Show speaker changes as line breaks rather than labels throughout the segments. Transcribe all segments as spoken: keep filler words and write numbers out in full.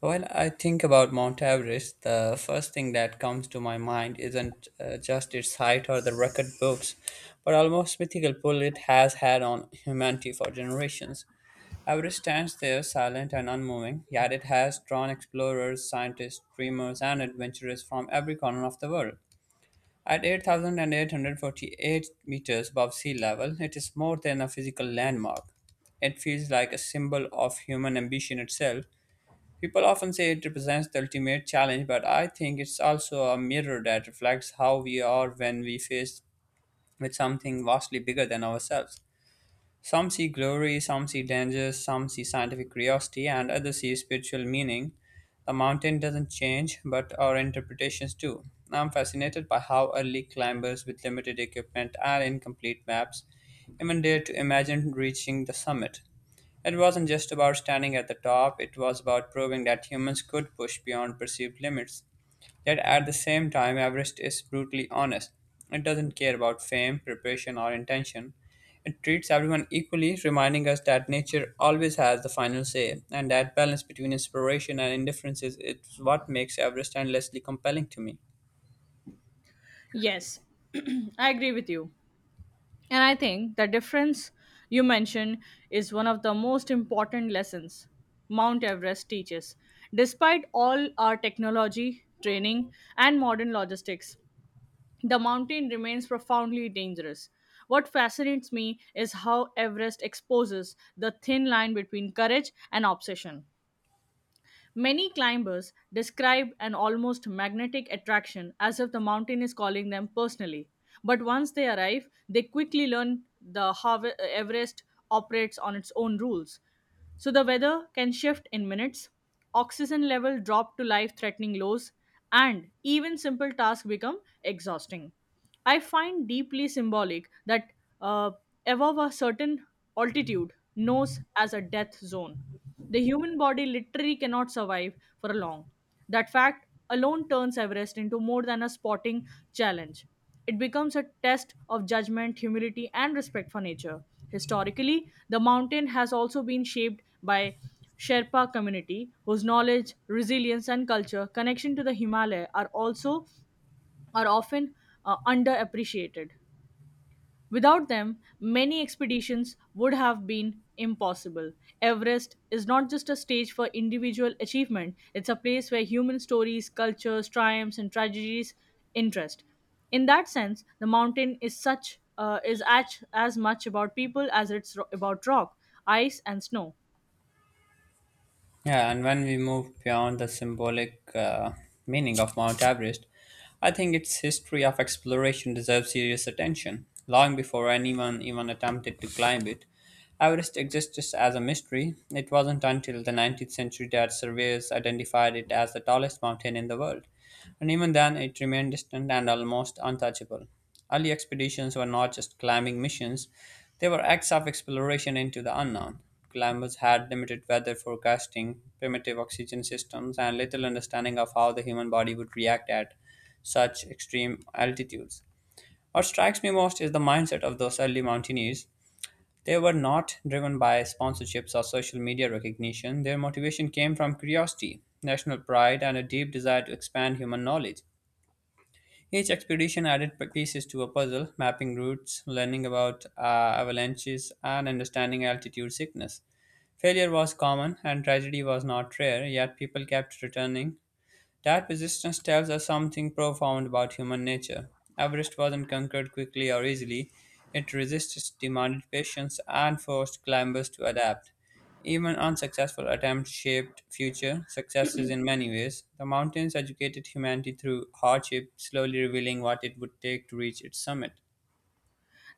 When I think about Mount Everest, the first thing that comes to my mind isn't uh, just its height or the record books, but almost mythical pull it has had on humanity for generations. Everest stands there silent and unmoving, yet it has drawn explorers, scientists, dreamers, and adventurers from every corner of the world. At eight thousand eight hundred forty-eight meters above sea level, it is more than a physical landmark. It feels like a symbol of human ambition itself. People often say it represents the ultimate challenge, but I think it's also a mirror that reflects how we are when we face with something vastly bigger than ourselves. Some see glory, some see dangers, some see scientific curiosity, and others see spiritual meaning. The mountain doesn't change, but our interpretations do. I'm fascinated by how early climbers with limited equipment and incomplete maps even dared to imagine reaching the summit. It wasn't just about standing at the top, it was about proving that humans could push beyond perceived limits. Yet at the same time, Everest is brutally honest. It doesn't care about fame, preparation, or intention. It treats everyone equally, reminding us that nature always has the final say, and that balance between inspiration and indifference is is what makes Everest endlessly compelling to me.
Yes, I agree with you. And I think the difference you mentioned is one of the most important lessons Mount Everest teaches. Despite all our technology, training, and modern logistics, the mountain remains profoundly dangerous. What fascinates me is how Everest exposes the thin line between courage and obsession. Many climbers describe an almost magnetic attraction as if the mountain is calling them personally. But once they arrive, they quickly learn the how Everest operates on its own rules. So the weather can shift in minutes, oxygen level drop to life threatening lows, and even simple tasks become exhausting. I find deeply symbolic that uh, above a certain altitude knows as a death zone the human body literally cannot survive for long. That fact alone turns Everest into more than a sporting challenge. It becomes a test of judgment, humility, and respect for nature. Historically, the mountain has also been shaped by Sherpa community whose knowledge, resilience, and culture connection to the Himalaya are also are often uh, underappreciated. Without them, many expeditions would have been impossible. Everest is not just a stage for individual achievement, it's a place where human stories, cultures, triumphs, and tragedies interest. In that sense, the mountain is such uh, is as, as much about people as it's ro- about rock, ice, and snow.
Yeah, and when we move beyond the symbolic uh, meaning of Mount Everest, I think its history of exploration deserves serious attention. Long before anyone even attempted to climb it, Everest existed as a mystery. It wasn't until the nineteenth century that surveyors identified it as the tallest mountain in the world, and even then it remained distant and almost untouchable. Early expeditions were not just climbing missions, they were acts of exploration into the unknown. Climbers had limited weather forecasting, primitive oxygen systems, and little understanding of how the human body would react at such extreme altitudes. What strikes me most is the mindset of those early mountaineers. They were not driven by sponsorships or social media recognition. Their motivation came from curiosity, national pride, and a deep desire to expand human knowledge. Each expedition added p- pieces to a puzzle, mapping routes, learning about uh, avalanches, and understanding altitude sickness. Failure was common and tragedy was not rare, yet people kept returning. That persistence tells us something profound about human nature. Everest wasn't conquered quickly or easily. It resisted, demanded patience, and forced climbers to adapt. Even unsuccessful attempts shaped future successes in many ways. The mountains educated humanity through hardship, slowly revealing what it would take to reach its summit.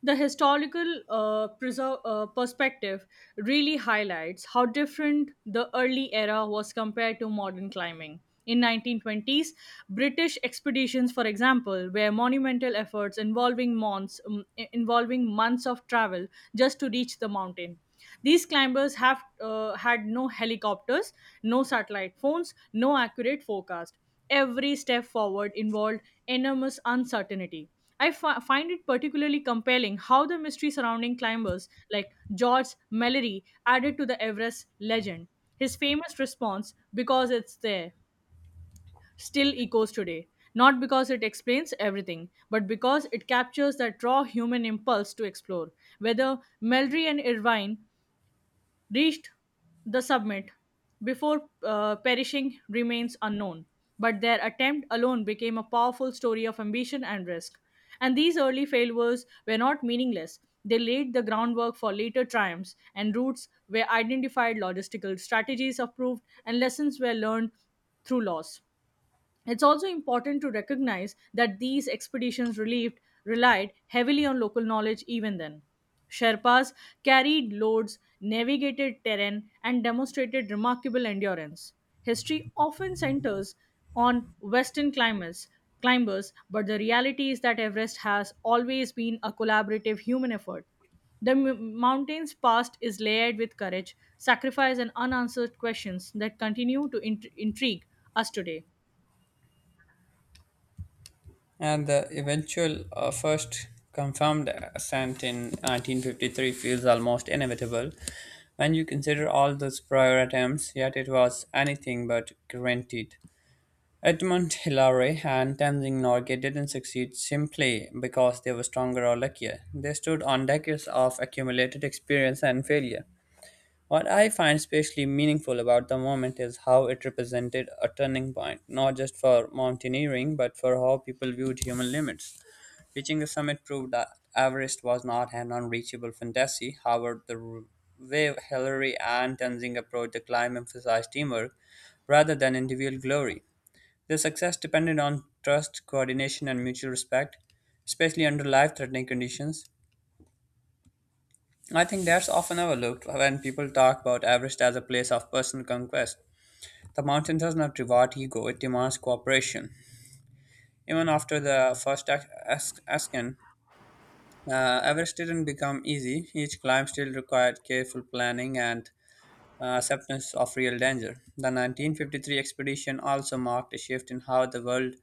The historical uh, preser- uh, perspective really highlights how different the early era was compared to modern climbing. In nineteen twenties, British expeditions, for example, were monumental efforts involving months, um, i- involving months of travel just to reach the mountain. These climbers have uh, had no helicopters, no satellite phones, no accurate forecast. Every step forward involved enormous uncertainty. I fi- find it particularly compelling how the mystery surrounding climbers like George Mallory added to the Everest legend. His famous response, because it's there, still echoes today. Not because it explains everything, but because it captures that raw human impulse to explore. Whether Mallory and Irvine reached the summit before uh, perishing remains unknown, but their attempt alone became a powerful story of ambition and risk. And these early failures were not meaningless. They laid the groundwork for later triumphs, and routes were identified, logistical strategies approved, and lessons were learned through loss. It's also important to recognize that these expeditions relieved, relied heavily on local knowledge even then. Sherpas carried loads, navigated terrain, and demonstrated remarkable endurance. History often centers on Western climbers, climbers, but the reality is that Everest has always been a collaborative human effort. The m- mountain's past is layered with courage, sacrifice, and unanswered questions that continue to int- intrigue us today.
And the eventual uh, first confirmed ascent in nineteen fifty-three feels almost inevitable when you consider all those prior attempts, yet it was anything but guaranteed. Edmund Hillary and Tenzing Norgay didn't succeed simply because they were stronger or luckier. They stood on decades of accumulated experience and failure. What I find especially meaningful about the moment is how it represented a turning point, not just for mountaineering, but for how people viewed human limits. Reaching the summit proved that Everest was not an unreachable fantasy. However, the r- way Hillary and Tenzing approached the climb emphasized teamwork rather than individual glory. Their success depended on trust, coordination, and mutual respect, especially under life threatening conditions. I think that's often overlooked when people talk about Everest as a place of personal conquest. The mountain does not reward ego, it demands cooperation. Even after the first ascent, Uh, Everest didn't become easy. Each climb still required careful planning and uh, acceptance of real danger. The nineteen fifty-three expedition also marked a shift in how the world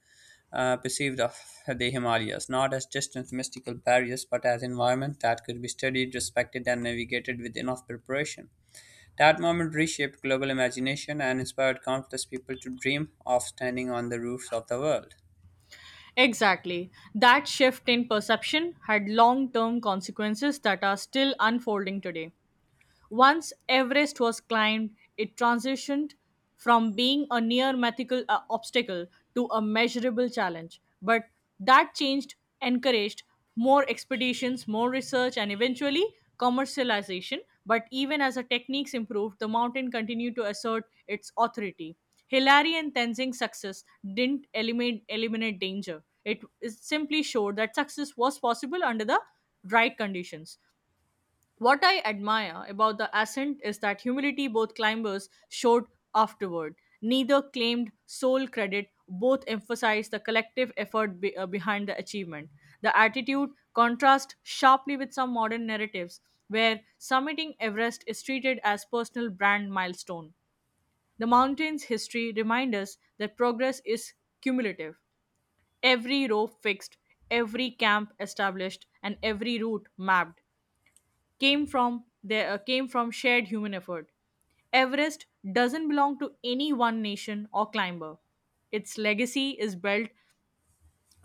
uh, perceived of the Himalayas, not as distant mystical barriers, but as environment that could be studied, respected, and navigated with enough preparation. That moment reshaped global imagination and inspired countless people to dream of standing on the roofs of the world.
Exactly. That shift in perception had long term consequences that are still unfolding today. Once Everest was climbed, it transitioned from being a near mythical uh, obstacle to a measurable challenge. But that changed encouraged more expeditions, more research, and eventually commercialization. But even as the techniques improved, the mountain continued to assert its authority. Hillary and Tenzing's success didn't eliminate, eliminate danger. It is- simply showed that success was possible under the right conditions. What I admire about the ascent is that humility both climbers showed afterward. Neither claimed sole credit, both emphasized the collective effort be- uh, behind the achievement. The attitude contrasts sharply with some modern narratives, where summiting Everest is treated as personal brand milestone. The mountain's history reminds us that progress is cumulative. Every rope fixed, every camp established, and every route mapped came from there uh, came from shared human effort. Everest doesn't belong to any one nation or climber. Its legacy is built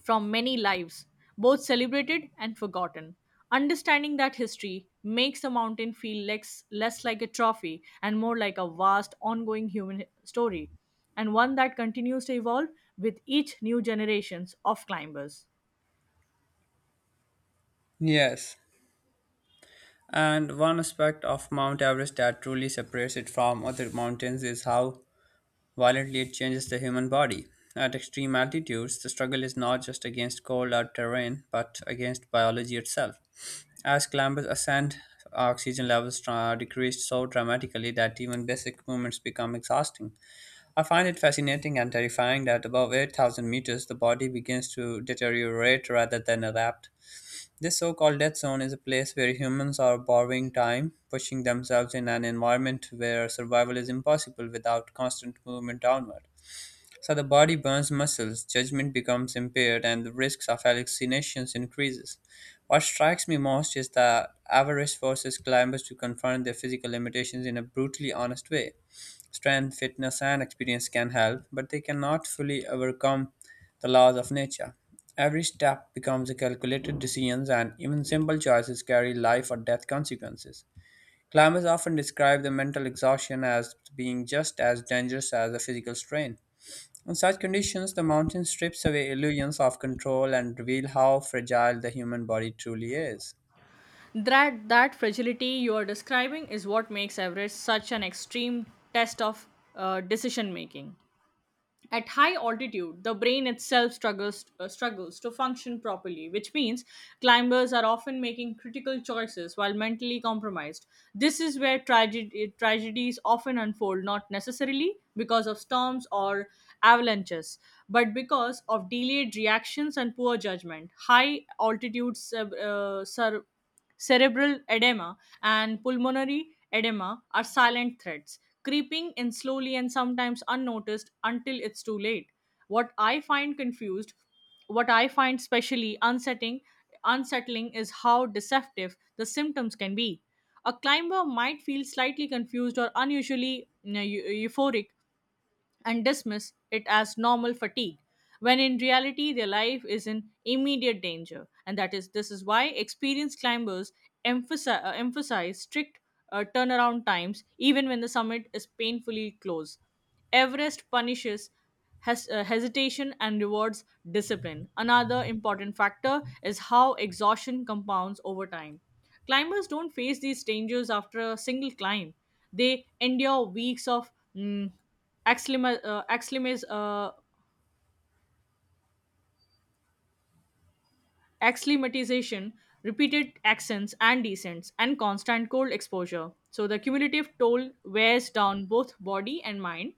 from many lives, both celebrated and forgotten. Understanding that history makes the mountain feel less, less like a trophy and more like a vast, ongoing human story, and one that continues to evolve with each new generations of climbers.
Yes. And one aspect of Mount Everest that truly separates it from other mountains is how violently it changes the human body. At extreme altitudes, the struggle is not just against cold or terrain, but against biology itself. As climbers ascend, oxygen levels are decreased so dramatically that even basic movements become exhausting. I find it fascinating and terrifying that above eight thousand meters, the body begins to deteriorate rather than adapt. This so called death zone is a place where humans are borrowing time, pushing themselves in an environment where survival is impossible without constant movement downward. So the body burns muscles, judgment becomes impaired, and the risks of hallucinations increases. What strikes me most is that avarice forces climbers to confront their physical limitations in a brutally honest way. Strength, fitness, and experience can help, but they cannot fully overcome the laws of nature. Every step becomes a calculated decision, and even simple choices carry life or death consequences. Climbers often describe the mental exhaustion as being just as dangerous as the physical strain. In such conditions, the mountain strips away illusions of control and reveal how fragile the human body truly is.
That that fragility you are describing is what makes Everest such an extreme test of uh, decision making. At high altitude, the brain itself struggles uh, struggles to function properly, which means climbers are often making critical choices while mentally compromised. This is where tragedy, tragedies often unfold, not necessarily because of storms or avalanches, but because of delayed reactions and poor judgment. High altitude sur- uh, sur- Cerebral edema and pulmonary edema are silent threats, creeping in slowly and sometimes unnoticed until it's too late. What I find confused, what I find specially unsettling, unsettling is how deceptive the symptoms can be. A climber might feel slightly confused or unusually you know, eu- euphoric and dismiss it as normal fatigue when in reality their life is in immediate danger, and that is this is why experienced climbers emphasize, uh, emphasize strict uh, turnaround times even when the summit is painfully close. Everest punishes hes- uh, hesitation and rewards discipline. Another important factor is how exhaustion compounds over time. Climbers don't face these dangers after a single climb. They endure weeks of mm, acclima- uh, acclimas- uh, acclimatization, repeated accents and descents, and constant cold exposure. So the cumulative toll wears down both body and mind,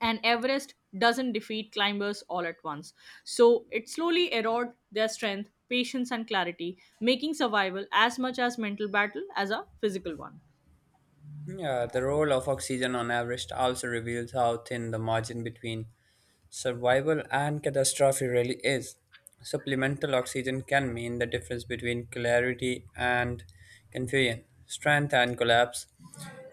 and Everest doesn't defeat climbers all at once. So it slowly erodes their strength, patience, and clarity, making survival as much as mental battle as a physical one.
Yeah, the role of oxygen on average also reveals how thin the margin between survival and catastrophe really is. Supplemental oxygen can mean the difference between clarity and confusion, strength and collapse.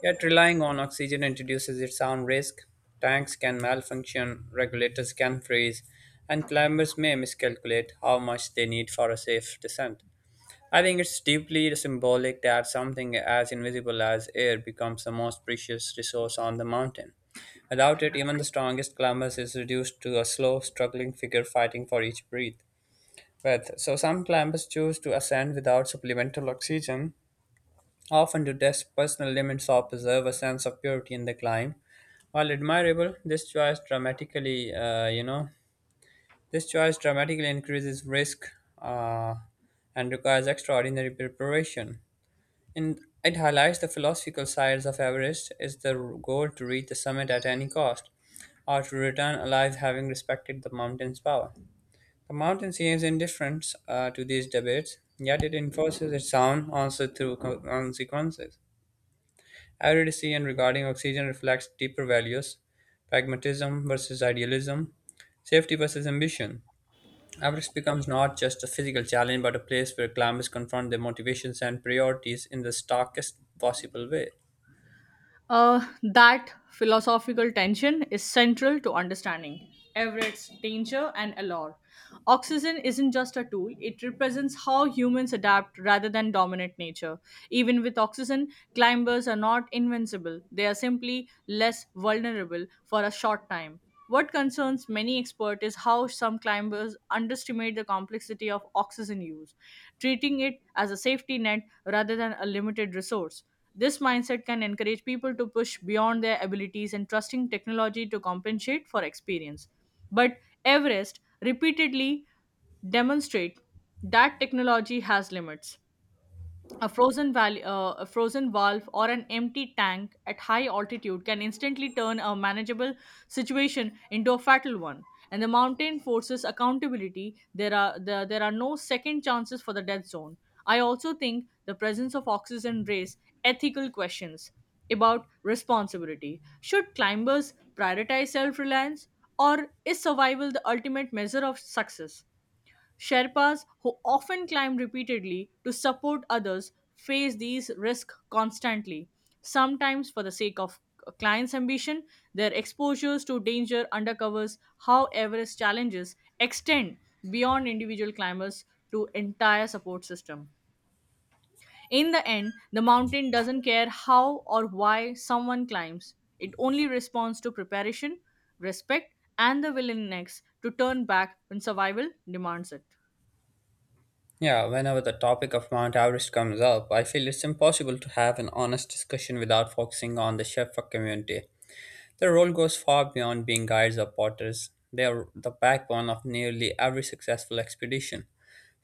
Yet relying on oxygen introduces its own risk. Tanks can malfunction, regulators can freeze, and climbers may miscalculate how much they need for a safe descent. I think it's deeply symbolic that something as invisible as air becomes the most precious resource on the mountain. Without it, even the strongest climber is reduced to a slow, struggling figure fighting for each breath. breath. So some climbers choose to ascend without supplemental oxygen, often to test personal limits or preserve a sense of purity in the climb. While admirable, this choice dramatically, uh, you know, this choice dramatically increases risk uh, and requires extraordinary preparation. And it highlights the philosophical sides of Everest is the goal to reach the summit at any cost, or to return alive having respected the mountain's power. The mountain seems indifferent uh, to these debates, yet it enforces its own answer through co- consequences. Every decision regarding oxygen reflects deeper values pragmatism versus idealism, safety versus ambition. Everest becomes not just a physical challenge but a place where climbers confront their motivations and priorities in the starkest possible way.
Uh, that philosophical tension is central to understanding Everett's danger and allure. Oxygen isn't just a tool, it represents how humans adapt rather than dominate nature. Even with oxygen, climbers are not invincible, they are simply less vulnerable for a short time. What concerns many experts is how some climbers underestimate the complexity of oxygen use, treating it as a safety net rather than a limited resource. This mindset can encourage people to push beyond their abilities and trusting technology to compensate for experience. But Everest repeatedly demonstrate that technology has limits. A frozen, val- uh, a frozen valve or an empty tank at high altitude can instantly turn a manageable situation into a fatal one. And the mountain forces accountability. There are the, there are no second chances for the death zone. I also think the presence of oxygen raise ethical questions about responsibility. Should climbers prioritize self-reliance, or is survival the ultimate measure of success? Sherpas, who often climb repeatedly to support others, face these risks constantly. Sometimes, for the sake of a client's ambition, their exposures to danger undercovers how Everest challenges extend beyond individual climbers to entire support system. In the end, the mountain doesn't care how or why someone climbs. It only responds to preparation, respect, and the willingness to turn back when survival demands it.
Yeah, whenever the topic of Mount Everest comes up, I feel it's impossible to have an honest discussion without focusing on the Sherpa community. Their role goes far beyond being guides or porters. They are the backbone of nearly every successful expedition.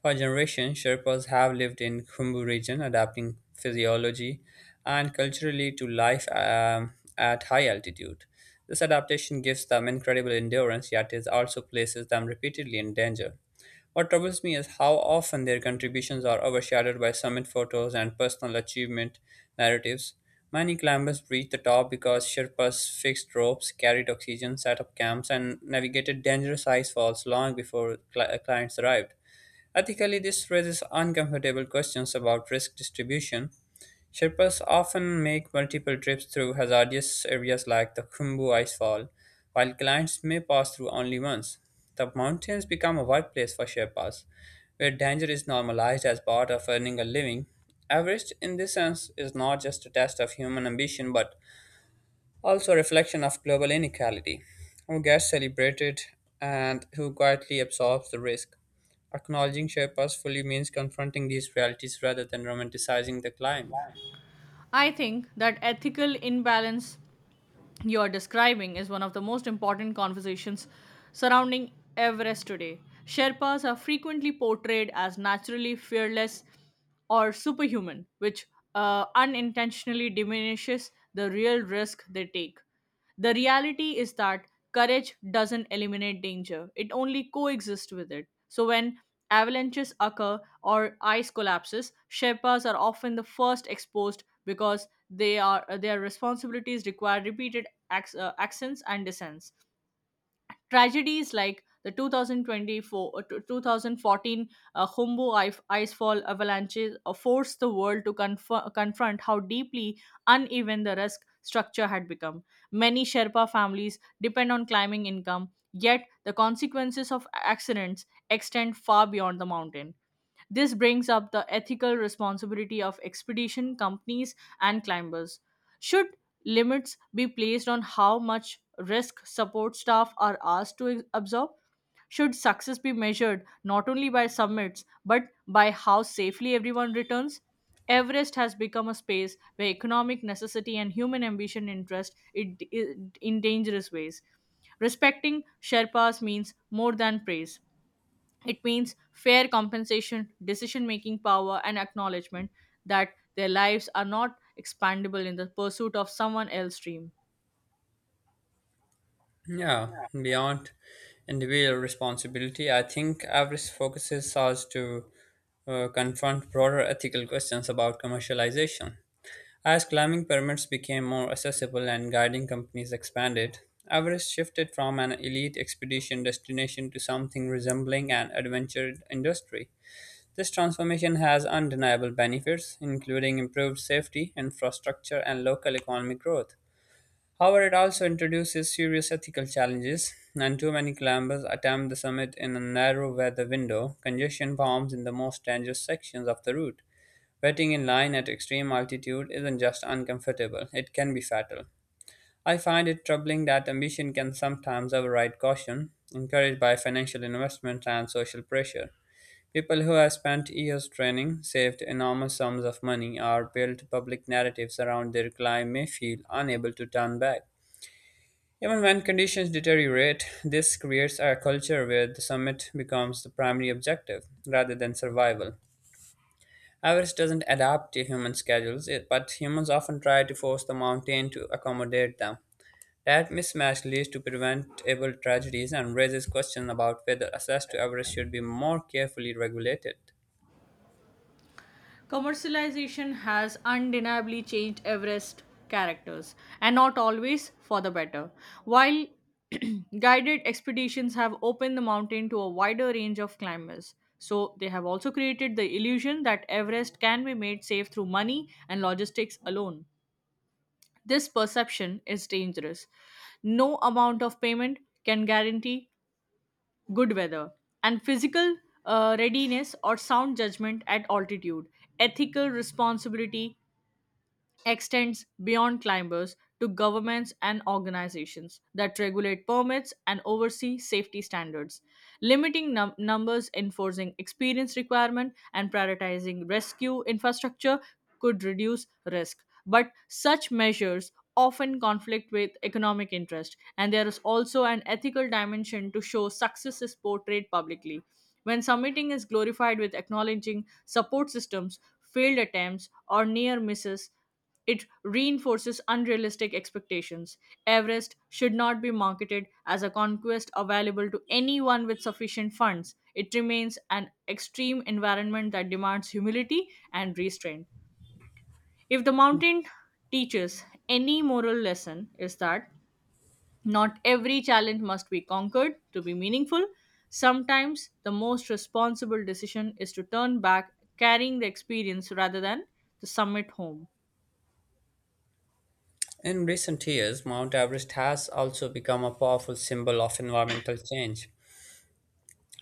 For generations, Sherpas have lived in Khumbu region, adapting physiology and culturally to life um, at high altitude. This adaptation gives them incredible endurance, yet it also places them repeatedly in danger. What troubles me is how often their contributions are overshadowed by summit photos and personal achievement narratives. Many climbers reach the top because Sherpas fixed ropes, carried oxygen, set up camps, and navigated dangerous ice falls long before cli- clients arrived. Ethically, this raises uncomfortable questions about risk distribution. Sherpas often make multiple trips through hazardous areas like the Khumbu Icefall, while clients may pass through only once. The mountains become a workplace for Sherpas, where danger is normalized as part of earning a living. Everest, in this sense, is not just a test of human ambition but also a reflection of global inequality who gets celebrated and who quietly absorbs the risk. Acknowledging share purposefully means confronting these realities rather than romanticizing the climb.
I think that ethical imbalance you're describing is one of the most important conversations surrounding Everest today. Sherpas are frequently portrayed as naturally fearless or superhuman, which uh, unintentionally diminishes the real risk they take. The reality is that courage doesn't eliminate danger, it only coexists with it. So, when avalanches occur or ice collapses, Sherpas are often the first exposed because they are their responsibilities require repeated acc- uh, accents and descents. Tragedies like the twenty twenty-four, uh, t- twenty fourteen uh, Humbo ice, icefall avalanches uh, forced the world to conf- confront how deeply uneven the risk structure had become. Many Sherpa families depend on climbing income, yet the consequences of accidents extend far beyond the mountain. This brings up the ethical responsibility of expedition companies and climbers. Should limits be placed on how much risk support staff are asked to absorb? Should success be measured not only by summits but by how safely everyone returns? Everest has become a space where economic necessity and human ambition interest it, it in dangerous ways. Respecting Sherpas means more than praise. It means fair compensation, decision making power, and acknowledgement that their lives are not expandable in the pursuit of someone else's dream.
Yeah, beyond individual responsibility, I think Avarice focuses us to uh, confront broader ethical questions about commercialization. As climbing pyramids became more accessible and guiding companies expanded, Everest shifted from an elite expedition destination to something resembling an adventure industry. This transformation has undeniable benefits, including improved safety, infrastructure, and local economic growth. However, it also introduces serious ethical challenges, and too many climbers attempt the summit in a narrow weather window. Congestion forms in the most dangerous sections of the route. Wetting in line at extreme altitude isn't just uncomfortable, it can be fatal. I find it troubling that ambition can sometimes override caution, encouraged by financial investment and social pressure. People who have spent years training, saved enormous sums of money, or built public narratives around their climb may feel unable to turn back. Even when conditions deteriorate, this creates a culture where the summit becomes the primary objective rather than survival. Everest doesn't adapt to human schedules, it- but humans often try to force the mountain to accommodate them. That mismatch leads to preventable tragedies and raises questions about whether access to Everest should be more carefully regulated.
Commercialization has undeniably changed Everest characters, and not always for the better. While guided expeditions have opened the mountain to a wider range of climbers, so they have also created the illusion that Everest can be made safe through money and logistics alone. This perception is dangerous. No amount of payment can guarantee good weather and physical uh, readiness or sound judgment at altitude. Ethical responsibility extends beyond climbers to governments and organizations that regulate permits and oversee safety standards, limiting num- numbers, enforcing experience requirement, and prioritizing rescue infrastructure could reduce risk. But such measures often conflict with economic interest, and there is also an ethical dimension to show success is portrayed publicly. When submitting is glorified with acknowledging support systems, failed attempts, or near misses, it reinforces unrealistic expectations. Everest should not be marketed as a conquest available to anyone with sufficient funds. It remains an extreme environment that demands humility and restraint. If the mountain teaches any moral lesson, is that not every challenge must be conquered to be meaningful. Sometimes the most responsible decision is to turn back, carrying the experience rather than to summit home.
In recent years, Mount Everest has also become a powerful symbol of environmental change,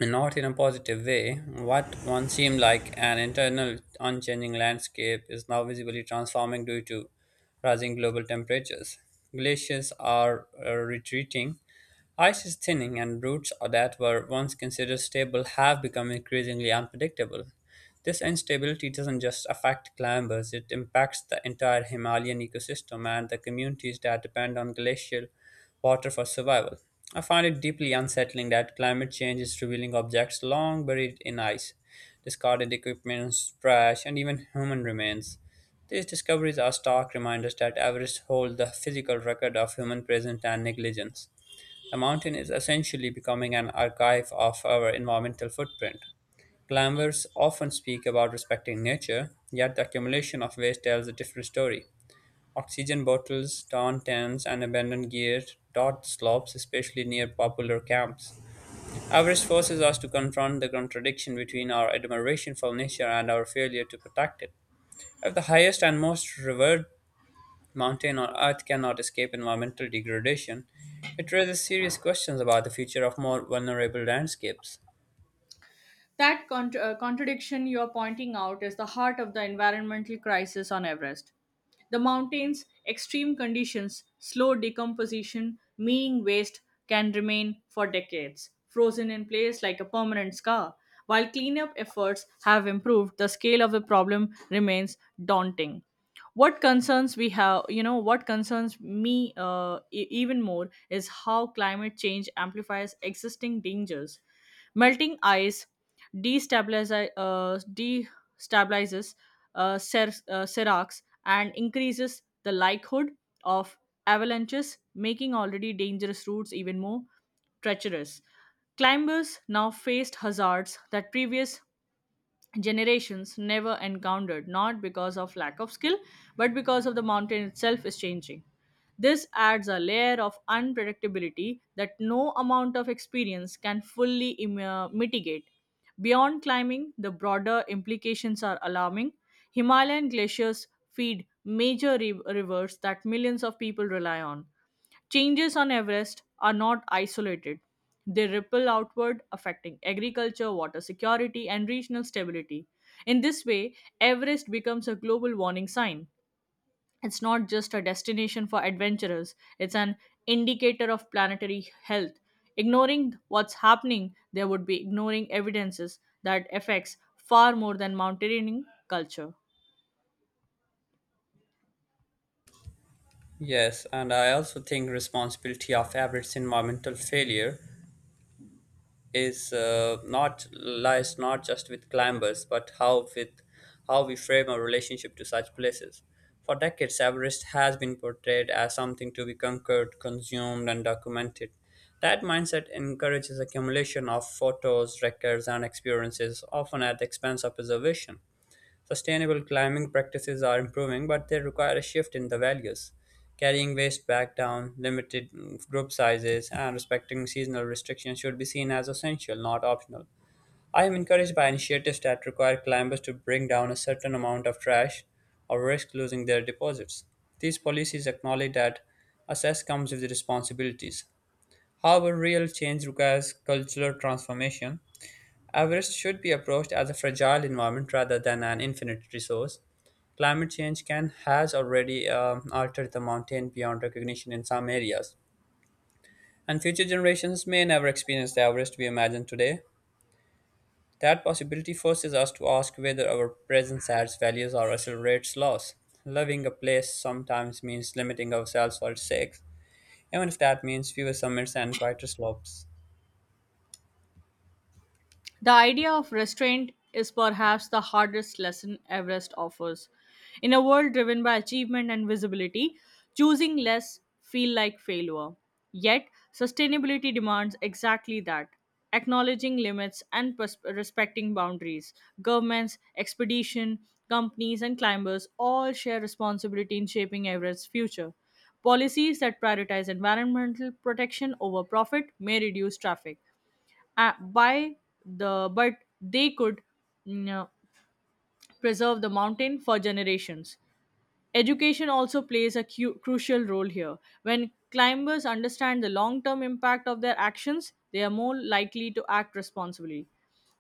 not in a positive way. What once seemed like an internal unchanging landscape is now visibly transforming due to rising global temperatures. Glaciers are uh, retreating, ice is thinning, and routes that were once considered stable have become increasingly unpredictable. This instability doesn't just affect climbers, it impacts the entire Himalayan ecosystem and the communities that depend on glacial water for survival. I find it deeply unsettling that climate change is revealing objects long buried in ice, discarded equipment, trash, and even human remains. These discoveries are stark reminders that Everest holds the physical record of human presence and negligence. The mountain is essentially becoming an archive of our environmental footprint. Climbers often speak about respecting nature, yet the accumulation of waste tells a different story. Oxygen bottles, torn tents, and abandoned gear dot the slopes, especially near popular camps. Everest forces us to confront the contradiction between our admiration for nature and our failure to protect it. If the highest and most revered mountain on earth cannot escape environmental degradation, it raises serious questions about the future of more vulnerable landscapes.
That cont- uh, contradiction you're pointing out is the heart of the environmental crisis on Everest. The mountain's extreme conditions, slow decomposition, meaning waste can remain for decades, frozen in place like a permanent scar. While cleanup efforts have improved, the scale of the problem remains daunting. What concerns we have you know what concerns me uh, e- even more is how climate change amplifies existing dangers. Melting ice destabilizes uh, destabilizes uh, ser- uh, seracs and increases the likelihood of avalanches, making already dangerous routes even more treacherous. Climbers now faced hazards that previous generations never encountered, not because of lack of skill, but because of the mountain itself is changing. This adds a layer of unpredictability that no amount of experience can fully im- uh, mitigate. Beyond climbing, the broader implications are alarming. Himalayan glaciers feed major ri- rivers that millions of people rely on. Changes on Everest are not isolated. They ripple outward, affecting agriculture, water security, and regional stability. In this way, Everest becomes a global warning sign. It's not just a destination for adventurers, it's an indicator of planetary health. Ignoring what's happening, there would be ignoring evidences that affects far more than mountaineering culture.
Yes, and I also think responsibility of Abbott's environmental failure is uh, not lies not just with climbers but how with how we frame our relationship to such places. For decades, Everest has been portrayed as something to be conquered, consumed, and documented. That mindset encourages accumulation of photos, records, and experiences, often at the expense of preservation. Sustainable climbing practices are improving, but they require a shift in the values. Carrying waste back down, limited mm, group sizes, and respecting seasonal restrictions should be seen as essential, not optional. I am encouraged by initiatives that require climbers to bring down a certain amount of trash or risk losing their deposits. These policies acknowledge that access comes with responsibilities. However, real change requires cultural transformation. Everest should be approached as a fragile environment rather than an infinite resource. Climate change can has already um, altered the mountain beyond recognition in some areas, and future generations may never experience the Everest we imagine today. That possibility forces us to ask whether our presence adds values or accelerates loss. Loving a place sometimes means limiting ourselves for its sake, even if that means fewer summits and quieter slopes.
The idea of restraint is perhaps the hardest lesson Everest offers. In a world driven by achievement and visibility, choosing less feel like failure. Yet, sustainability demands exactly that. Acknowledging limits and pers- respecting boundaries. Governments, expedition, companies, and climbers all share responsibility in shaping Everest's future. Policies that prioritize environmental protection over profit may reduce traffic, uh, by the but they could mm, uh, preserve the mountain for generations. Education also plays a cu- crucial role here. When climbers understand the long term impact of their actions, they are more likely to act responsibly.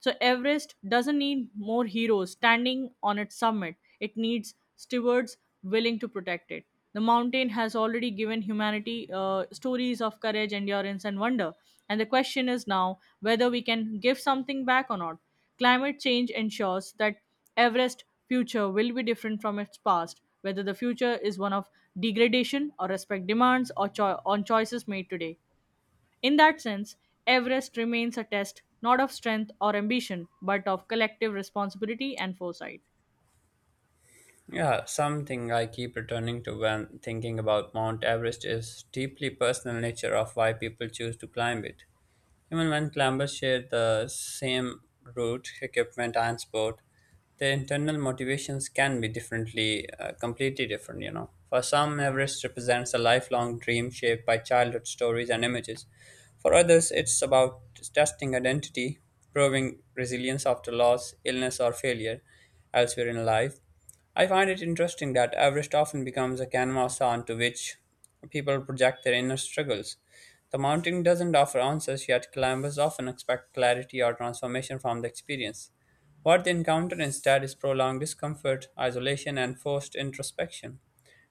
So, Everest doesn't need more heroes standing on its summit, it needs stewards willing to protect it. The mountain has already given humanity uh, stories of courage, endurance, and wonder. And the question is now whether we can give something back or not. Climate change ensures that Everest future will be different from its past, whether the future is one of degradation or respect demands or cho- on choices made today. In that sense, Everest remains a test not of strength or ambition, but of collective responsibility and foresight.
Yeah, something I keep returning to when thinking about Mount Everest is deeply personal nature of why people choose to climb it. Even when climbers share the same route, equipment, and sport, their internal motivations can be differently, uh, completely different, you know. For some, Everest represents a lifelong dream shaped by childhood stories and images. For others, it's about testing identity, proving resilience after loss, illness, or failure elsewhere in life. I find it interesting that Everest often becomes a canvas onto which people project their inner struggles. The mountain doesn't offer answers, yet climbers often expect clarity or transformation from the experience. What they encounter instead is prolonged discomfort, isolation, and forced introspection.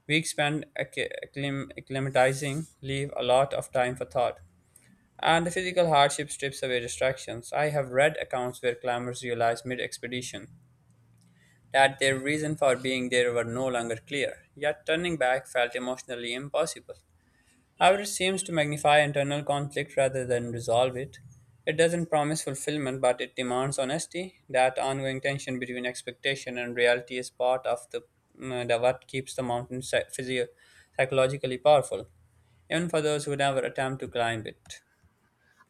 Weeks spent acc- acclim- acclimatizing leave a lot of time for thought, and the physical hardship strips away distractions. I have read accounts where climbers realize mid expedition that their reason for being there were no longer clear, yet turning back felt emotionally impossible. However, it seems to magnify internal conflict rather than resolve it. It doesn't promise fulfillment, but it demands honesty. That ongoing tension between expectation and reality is part of the, mm, the what keeps the mountain psy- physio- psychologically powerful, even for those who never attempt to climb it.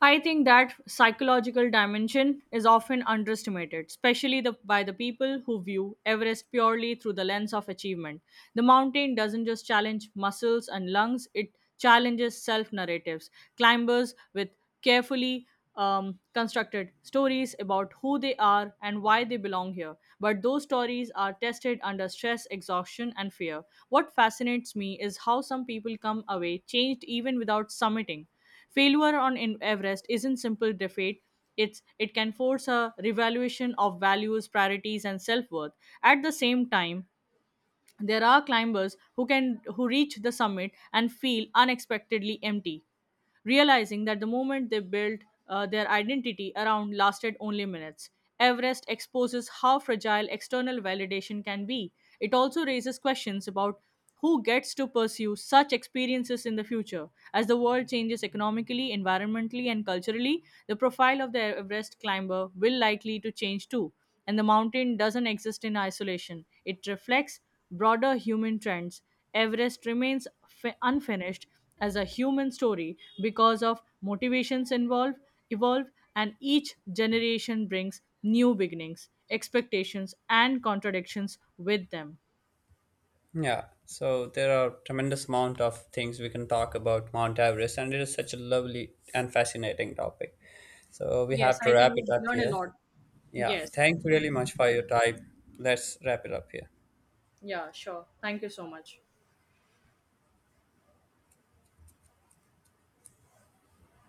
I think that psychological dimension is often underestimated, especially the, by the people who view Everest purely through the lens of achievement. The mountain doesn't just challenge muscles and lungs, it challenges self narratives. Climbers with carefully um, constructed stories about who they are and why they belong here. But those stories are tested under stress, exhaustion, and fear. What fascinates me is how some people come away changed even without summiting. Failure on in- Everest isn't simple defeat. It's, it can force a revaluation of values, priorities, and self worth. At the same time, there are climbers who can who reach the summit and feel unexpectedly empty, realizing that the moment they built uh, their identity around lasted only minutes. Everest exposes how fragile external validation can be. It also raises questions about who gets to pursue such experiences in the future. As the world changes economically, environmentally, and culturally, the profile of the Everest climber will likely to change too. And the mountain doesn't exist in isolation. It reflects broader human trends. Everest remains fi- unfinished as a human story because of motivations involved evolve, and each generation brings new beginnings expectations and contradictions with them.
Yeah, so there are tremendous amount of things we can talk about Mount Everest, and it is such a lovely and fascinating topic. So we
Yes,
have to
I
wrap
think
it
we've
up
learned a
here.
lot.
Yeah,
Yes.
thank you really much for your time. Let's wrap it up here.
Yeah, sure, thank you so much.